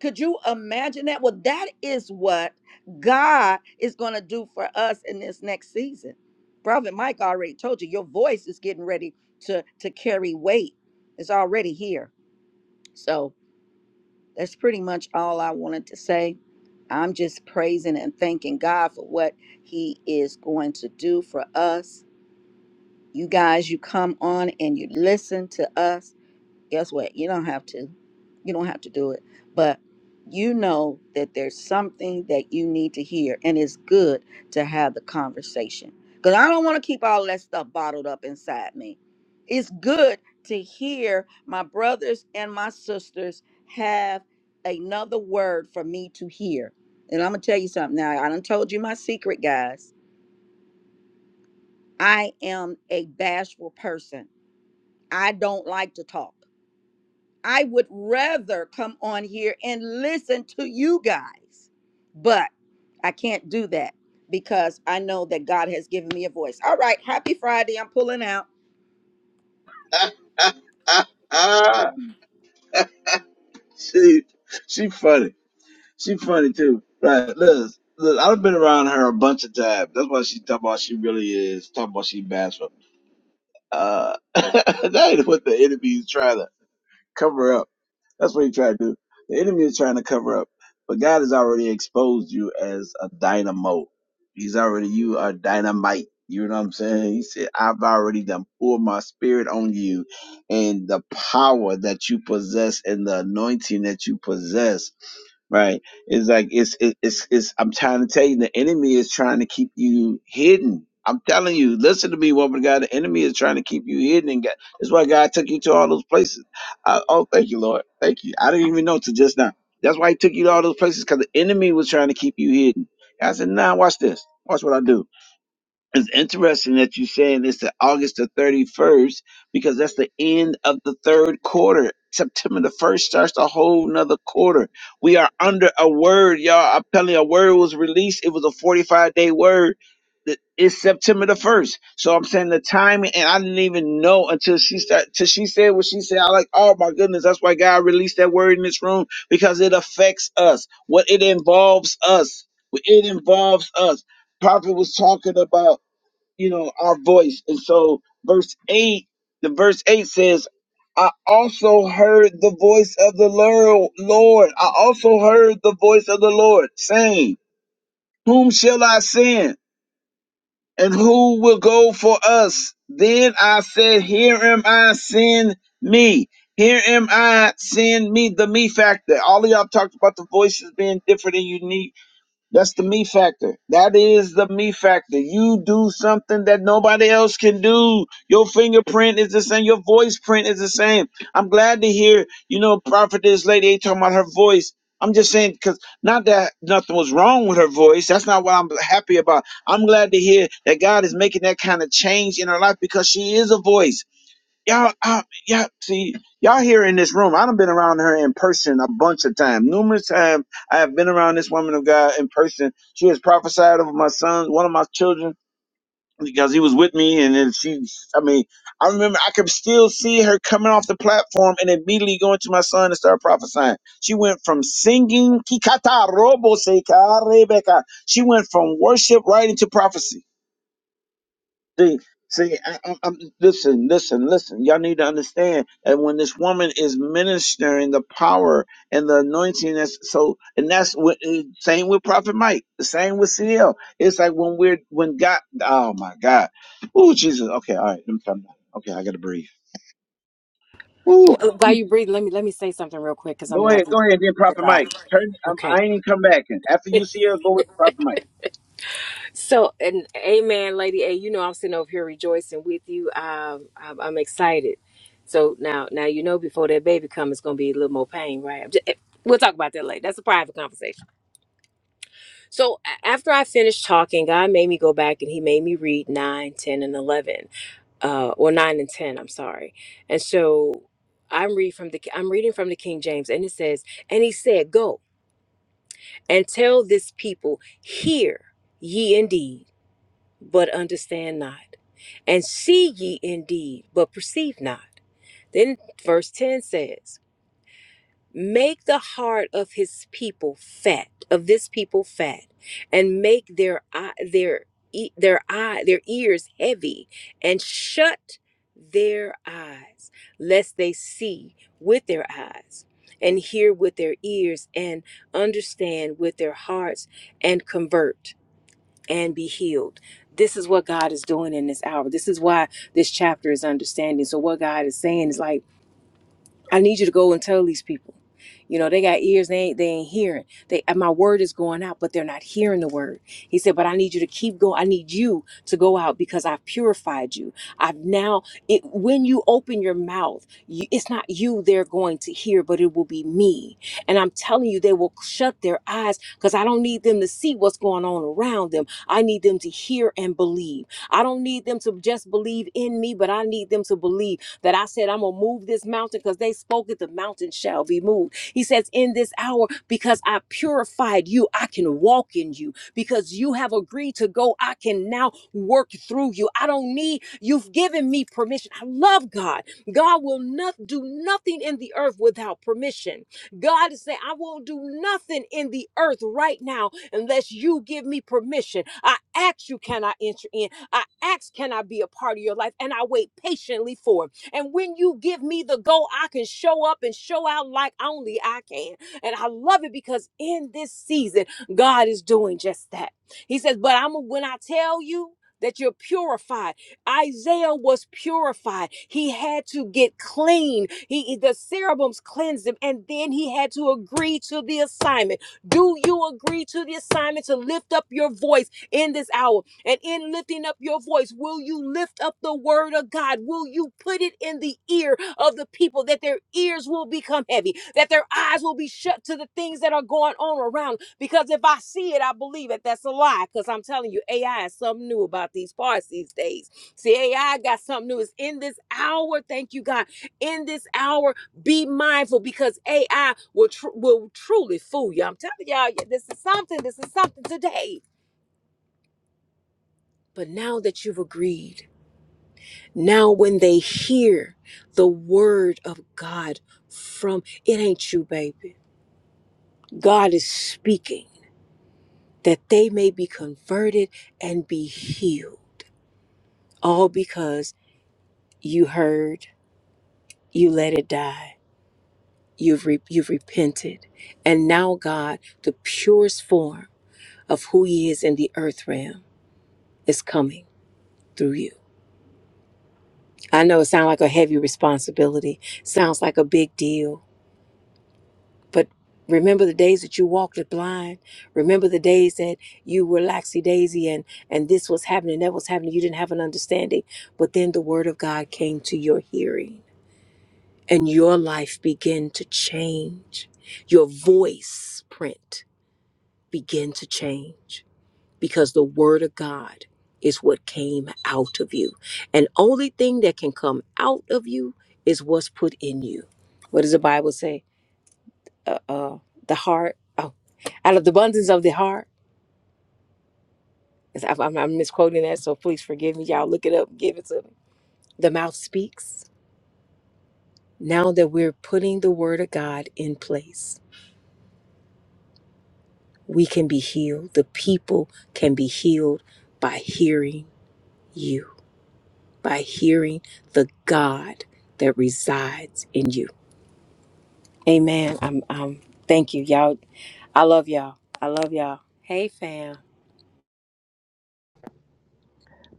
Speaker 4: Could you imagine that? Well, that is what God is going to do for us in this next season. Prophet Mike already told you your voice is getting ready to to carry weight. It's already here. So that's pretty much all I wanted to say. I'm just praising and thanking God for what He is going to do for us. You guys, you come on and you listen to us guess what? You don't have to. You don't have to do it. But you know that there's something that you need to hear, and it's good to have the conversation. Because I don't want to keep all that stuff bottled up inside me. It's good to hear my brothers and my sisters have another word for me to hear. And I'm going to tell you something now. I done told you my secret, guys. I am a bashful person. I don't like to talk. I would rather come on here and listen to you guys, but I can't do that because I know that God has given me a voice. All right, happy Friday. I'm pulling out.
Speaker 1: Ah, ah. She, she funny. She funny too. Right. Look, look. I've been around her a bunch of times. That's why she talk about she really is. Talk about she bashful. Uh, that ain't what the enemy is trying to. cover up. That's what he tried to do. The enemy is trying to cover up, but God has already exposed you as a dynamo. He's already you are dynamite. You know what I'm saying? He said, "I've already done poured my spirit on you, and the power that you possess and the anointing that you possess, right? It's like it's it- it's it's. I'm trying to tell you, the enemy is trying to keep you hidden. I'm telling you, listen to me, woman of God. The enemy is trying to keep you hidden, and God, that's why God took you to all those places I, oh, thank you, Lord. Thank you. I didn't even know till just now. That's why he took you to all those places because the enemy was trying to keep you hidden. I said, nah, watch this. Watch what I do. It's interesting that you're saying it's the August the 31st because that's the end of the third quarter. September the 1st starts a whole nother quarter. We are under a word, y'all. I'm telling you, a word was released. It was a 45 day word. That- It's September the 1st. So I'm saying the timing, and I didn't even know until she start, till she said what she said. I like, oh my goodness, that's why God released that word in this room because it affects us. What it involves us. It involves us. Prophet was talking about you know, our voice. And so verse 8, the verse 8 says, I also heard the voice of the Lord. Lord. I also heard the voice of the Lord saying, Whom shall I send? And who will go for us? Then I said, Here am I, send me. Here am I, send me. The me factor. All of y'all talked about the voices being different and unique that's the me factor. That is the me factor. You do something that nobody else can do. Your fingerprint is the same. Your voice print is the same. I'm glad to hear, you know, prophetess lady ain't talking about her voice. I'm just saying, because not that nothing was wrong with her voice. That's not what I'm happy about. I'm glad to hear that God is making that kind of change in her life because she is a voice y'all, I, y'all, see, y'all here in this room. I done been around her in person a bunch of times. Numerous times I have been around this woman of God in person. She has prophesied over my son, one of my children, because he was with me. And then she, I mean, I remember I could still see her coming off the platform and immediately going to my son and start prophesying. She went from singing, Kikata Robo Seka Rebecca. She went from worship right into prophecy. See, see, I, I, I'm listen, listen, listen. Y'all need to understand. And when this woman is ministering the power and the anointing, that's so, and that's what eh, same with Prophet Mike, the same with CL. It's like when we're when God. Oh my God. Oh Jesus. Okay, all right. Let me calm down. Okay, I gotta breathe.
Speaker 3: Well,
Speaker 1: Ooh.
Speaker 3: uh, while
Speaker 1: Jesus.
Speaker 3: you're breathing, let me let me say something real quick because I'm
Speaker 1: Go
Speaker 3: gonna have
Speaker 1: ahead,
Speaker 3: to
Speaker 1: go ahead, then
Speaker 3: get
Speaker 1: Prophet
Speaker 3: back.
Speaker 1: Mike. Turn. Um,
Speaker 3: Okay.
Speaker 1: I ain't even come back. And after you see her, go with Prophet Mike.
Speaker 3: So, and amen, Lady A. You know, I'm sitting over here rejoicing with you. Um, I'm, I'm excited. So now, now you know, before that baby comes, it's gonna be a little more pain, right? I'm just, we'll talk about that later. That's a private conversation. So a- after I finished talking, God made me go back and He made me read 9, 10, and 11. uh, or nine and ten. I'm sorry. And so I'm reading from the I'm reading from the King James, and it says, "And he said, Go and tell this people, hear ye indeed, but understand not, and see ye indeed, but perceive not." Then verse ten says. Make the heart of his people fat, of this people fat, and make their eye, their e- their eye, their ears heavy, and shut their eyes, lest they see with their eyes, and hear with their ears, and understand with their hearts, and convert and be healed. This is what God is doing in this hour. This is why this chapter is understanding. So what God is saying is like I need you to go and tell these people. You know, they got ears, they ain't they ain't hearing. They and my word is going out, but they're not hearing the word. He said, But I need you to keep going. I need you to go out because I've purified you. I've now it when you open your mouth, you, it's not you they're going to hear, but it will be me. And I'm telling you, they will shut their eyes because I don't need them to see what's going on around them. I need them to hear and believe. I don't need them to just believe in me, but I need them to believe that I said, I'm going to move this mountain because they spoke it, the mountain shall be moved. He says, In this hour, because I purified you, I can walk in you. Because you have agreed to go, I can now work through you. I don't need, you've given me permission. I love God. God will not do nothing in the earth without permission. God is saying, I won't do nothing in the earth right now unless you give me permission. I ask you, can I enter in? I ask, can I be a part of your life? And I wait patiently for it. And when you give me the go, I can show up and show out like only I can. And I love it because in this season, God is doing just that. He says, But I'm when I tell you that you're purified. Isaiah was purified. He had to get clean. He the serums cleansed him, and then he had to agree to the assignment. Do you agree to the assignment to lift up your voice in this hour? And in lifting up your voice, will you lift up the word of God? Will you put it in the ear of the people that their ears will become heavy, that their eyes will be shut to the things that are going on around? Because if I see it, I believe it. That's a lie. Because I'm telling you, AI is something new about these parts these days. See, AI got something new. It's in this hour. Thank you, God. In this hour, be mindful because AI will, tr- will truly fool you. I'm telling y'all, yeah, this is something. This is something today. But now that you've agreed, now when they hear the word of God from it ain't you, baby. God is speaking that they may be converted and be healed. All because you heard, you let it die. You've re- you've repented. And now God, the purest form of who he is in the earth realm is coming through you. I know it sounds like a heavy responsibility. Sounds like a big deal But remember the days that you walked it blind. Remember the days that you were laxy daisy and and this was happening, that was happening. You didn't have an understanding. But then the word of God came to your hearing, and your life began to change. Your voice print began to change because the word of God is what came out of you. And only thing that can come out of you is what's put in you. What does the Bible say? Uh, uh, the heart. oh, out of the abundance of the heart. Is- I'm, I'm- misquoting that, so please forgive me. Y'all look it up, give it to me. The mouth speaks. Now that we're putting the word of God in place, we can be healed. The people can be healed by hearing you, by hearing the God that resides in you. Amen. I'm, i thank you, y'all. I love y'all. I love y'all. Hey, fam.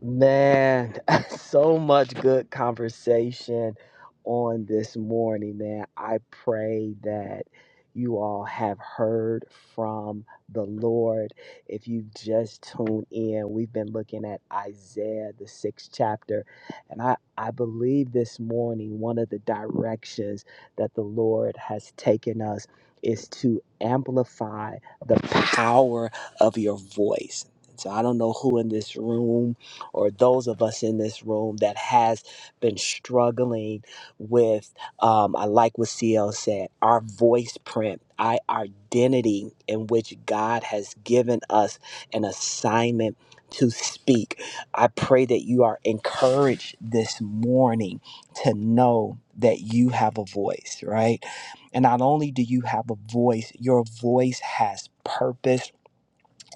Speaker 2: Man, so much good conversation on this morning, man. I pray that you all have heard from the Lord. If you've just tuned in, we've been looking at Isaiah, the sixth chapter. And I, I believe this morning, one of the directions that the Lord has taken us is to amplify the power of your voice. So I don't know who in this room or those of us in this room that has been struggling with, um, I like what CL said, our voice print, our identity in which God has given us an assignment to speak. I pray that you are encouraged this morning to know that you have a voice, right? And not only do you have a voice, your voice has purpose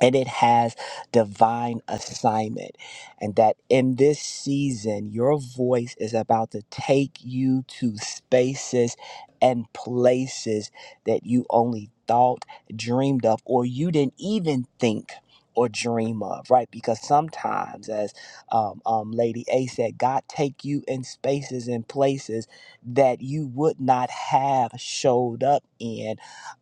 Speaker 2: and it has divine assignment. And that in this season, your voice is about to take you to spaces and places that you only thought, dreamed of, or you didn't even think. Or dream of, right? Because sometimes, as um, um, Lady A said, God take you in spaces and places that you would not have showed up in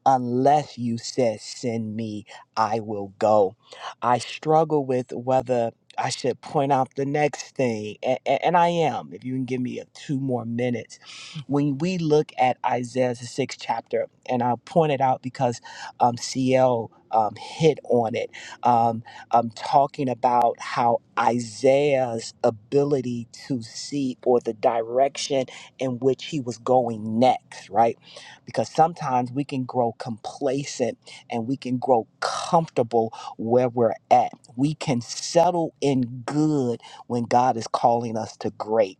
Speaker 2: unless you said, "Send me." I will go. I struggle with whether I should point out the next thing, and, and I am. If you can give me a two more minutes, when we look at Isaiah's sixth chapter, and I'll point it out because um, CL um, hit on it, um, am talking about how Isaiah's ability to see or the direction in which he was going next, right? Because sometimes we can grow complacent and we can grow comfortable where we're at. We can settle in good when God is calling us to great.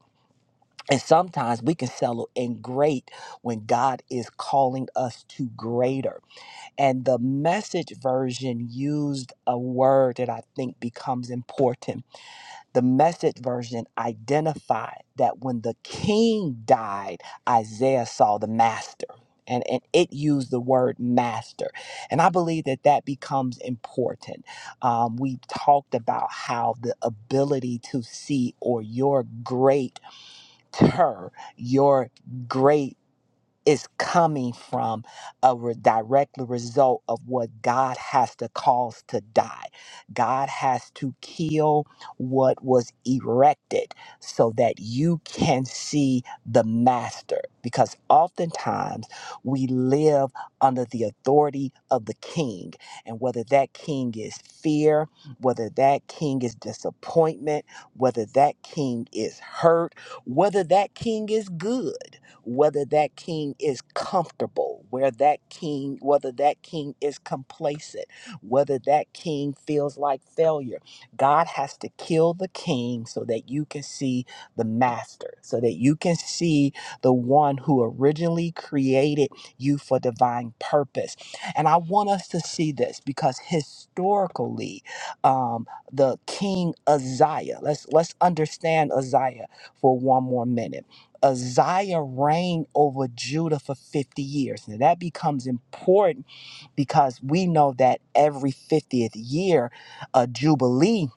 Speaker 2: And sometimes we can settle in great when God is calling us to greater. And the message version used a word that I think becomes important the message version identified that when the king died, Isaiah saw the master. And, and it used the word master. And I believe that that becomes important. Um, we talked about how the ability to see or your greater, your great is coming from a re- direct result of what God has to cause to die. God has to kill what was erected so that you can see the master. Because oftentimes we live under the authority of the king, and whether that king is fear, whether that king is disappointment, whether that king is hurt, whether that king is good whether that king is comfortable, where that king, whether that king is complacent, whether that king feels like failure. God has to kill the king so that you can see the master, so that you can see the one who originally created you for divine purpose. And I want us to see this because historically, um, the king Uzziah, let's let's understand Uzziah for one more minute Uzziah reigned over Judah for 50 years. Now that becomes important because we know that every 50th year, a jubilee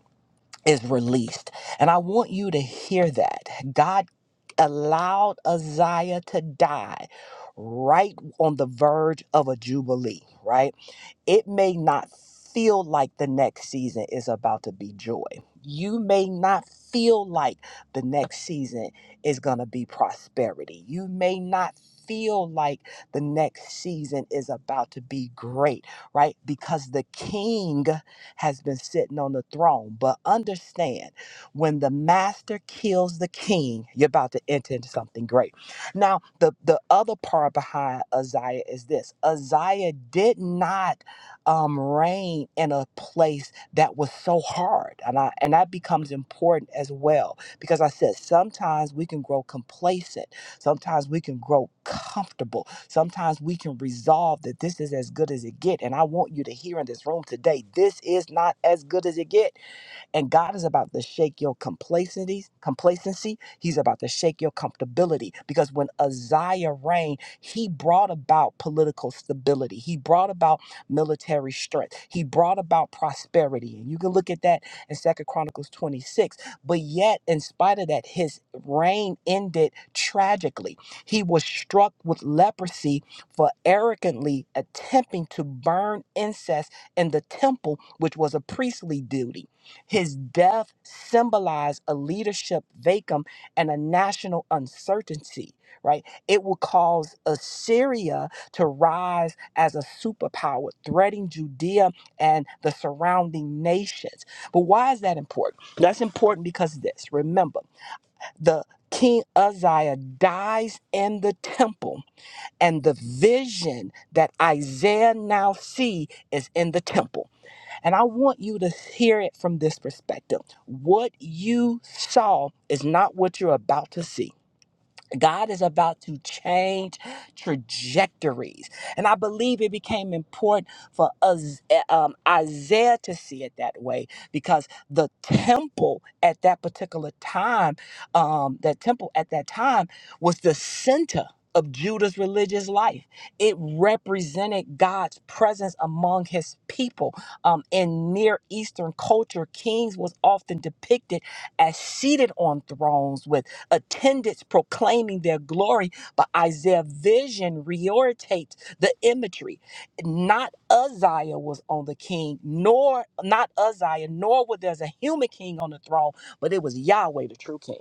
Speaker 2: is released. And I want you to hear that. God allowed Uzziah to die right on the verge of a jubilee, right? It may not feel like the next season is about to be joy. You may not feel like the next season is going to be prosperity. You may not feel like the next season is about to be great, right? Because the king has been sitting on the throne. But understand, when the master kills the king, you're about to enter into something great. Now, the, the other part behind Isaiah is this Isaiah did not um, reign in a place that was so hard. And, I, and that becomes important as well because I said sometimes we can grow complacent, sometimes we can grow comfortable, sometimes we can resolve that this is as good as it get. And I want you to hear in this room today, this is not as good as it get. And God is about to shake your complacency, complacency. He's about to shake your comfortability. Because when Uzziah reigned, he brought about political stability. He brought about military strength. He brought about prosperity. And you can look at that in Second Chronicles 26. But yet, in spite of that, his reign ended tragically. He was struck with leprosy for arrogantly attempting to burn incense in the temple, which was a priestly duty. His death symbolized a leadership vacuum and a national uncertainty, right? It will cause Assyria to rise as a superpower, threatening Judea and the surrounding nations. But why is that important? That's important because this remember, the King Uzziah dies in the temple, and the vision that Isaiah now see is in the temple. And I want you to hear it from this perspective. What you saw is not what you're about to see. God is about to change trajectories. And I believe it became important for us, eh, um, Isaiah to see it that way because the temple at that particular time, um, that temple at that time was the center of Judah's religious life. It represented God's presence among his people. Um, in Near Eastern culture, kings was often depicted as seated on thrones with attendants proclaiming their glory, but Isaiah's vision reorientates the imagery. Not Uzziah was on the king, nor not Uzziah, nor was there's a human king on the throne, but it was Yahweh, the true king.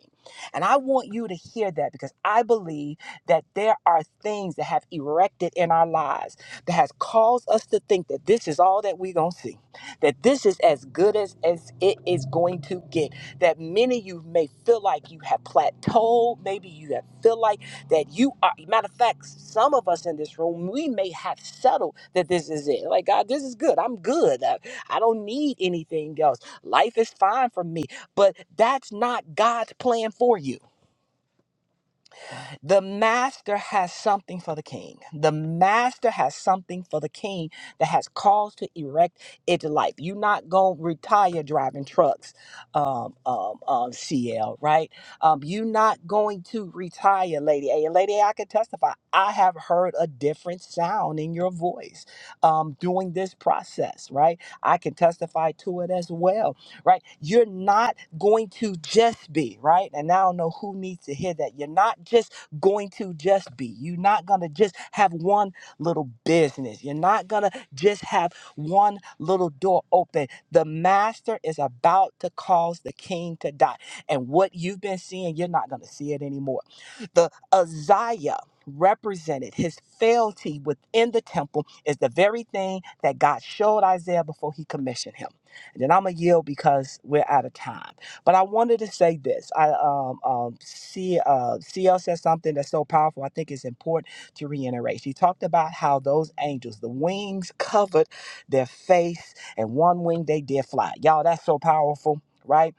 Speaker 2: And I want you to hear that because I believe that there are things that have erected in our lives that has caused us to think that this is all that we're gonna see, that this is as good as, as it is going to get that many of you may feel like you have plateaued. Maybe you have feel like that you are. Matter of fact, some of us in this room, we may have settled that this is it. Like, God, this is good. I'm good. I, I don't need anything else. Life is fine for me. But that's not God's plan for you. The master has something for the king. The master has something for the king that has cause to erect its life. You're not going to retire driving trucks, um, um, um, CL, right? Um, you're not going to retire, Lady A. And Lady A, I can testify, I have heard a different sound in your voice um, during this process, right? I can testify to it as well, right? You're not going to just be, right? And I don't know who needs to hear that. You're not just going to just be. You're not going to just have one little business. You're not going to just have one little door open. The master is about to cause the king to die. And what you've been seeing, you're not going to see it anymore. The Uzziah represented his fealty within the temple is the very thing that God showed Isaiah before he commissioned him. And then I'm going to yield because we're out of time. But I wanted to say this. I um, um, see, uh, CL said something that's so powerful. I think it's important to reiterate. She talked about how those angels, the wings covered their face, and one wing they did fly. Y'all, that's so powerful. Right?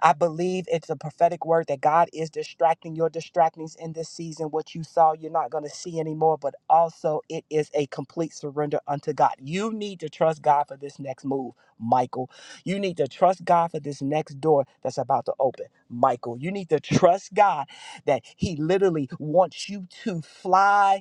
Speaker 2: I believe it's a prophetic word that God is distracting your distractings in this season. What you saw, you're not going to see anymore, but also it is a complete surrender unto God. You need to trust God for this next move, Michael. You need to trust God for this next door that's about to open, Michael. You need to trust God that He literally wants you to fly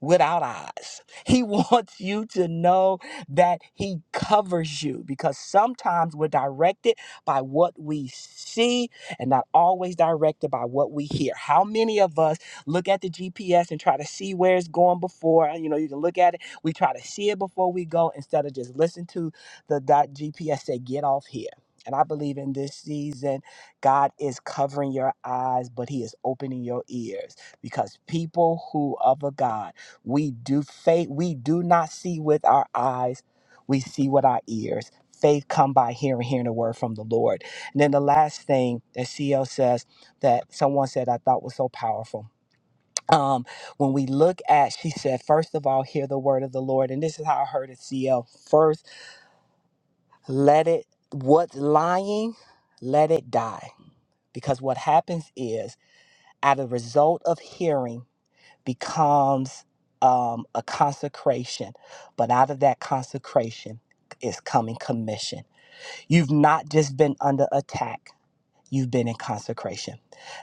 Speaker 2: without eyes. He wants you to know that He covers you because sometimes we're directed by what we see and not always directed by what we hear. How many of us look at the GPS and try to see where it's going before? You know, you can look at it, we try to see it before we go instead of just listen to the dot GPS say, get off here. And I believe in this season, God is covering your eyes, but He is opening your ears because people who of a God we do faith. We do not see with our eyes. We see with our ears. Faith come by hearing, hearing the word from the Lord. And then the last thing that CL says that someone said I thought was so powerful. Um, when we look at, she said, first of all, hear the word of the Lord. And this is how I heard it, CL. First, let it, what's lying, let it die. Because what happens is, as a result of hearing, becomes um, a consecration, but out of that consecration is coming commission. You've not just been under attack you've been in consecration.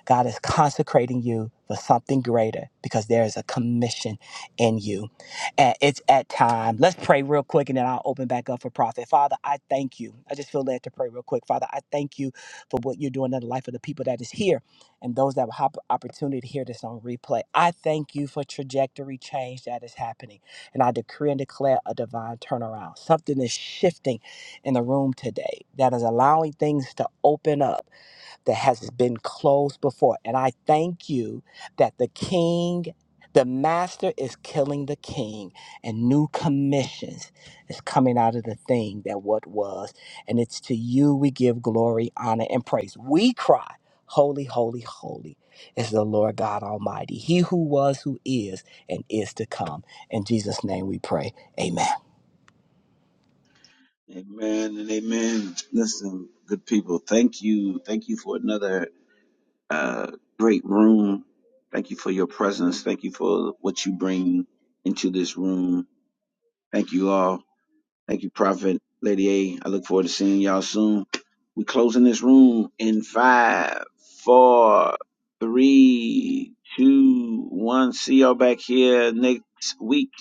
Speaker 2: God is consecrating you for something greater because there is a commission in you. And it's at time. Let's pray real quick and then I'll open back up for profit. Father, I thank you. I just feel led to pray real quick. Father, I thank you for what you're doing in the life of the people that is here and those that will have opportunity to hear this on replay. I thank you for trajectory change that is happening. And I decree and declare a divine turnaround. Something is shifting in the room today that is allowing things to open up that has been closed before. And I thank you that the king, the master is killing the king, and new commissions is coming out of the thing that what was. And it's to you we give glory, honor, and praise. We cry, Holy, holy, holy is the Lord God Almighty, He who was, who is, and is to come. In Jesus' name we pray. Amen.
Speaker 1: Amen and amen. Listen, good people, thank you. Thank you for another uh, great room. Thank you for your presence. Thank you for what you bring into this room. Thank you all. Thank you, Prophet Lady A. I look forward to seeing y'all soon. we closing this room in five, four, three, two, one. See y'all back here next week.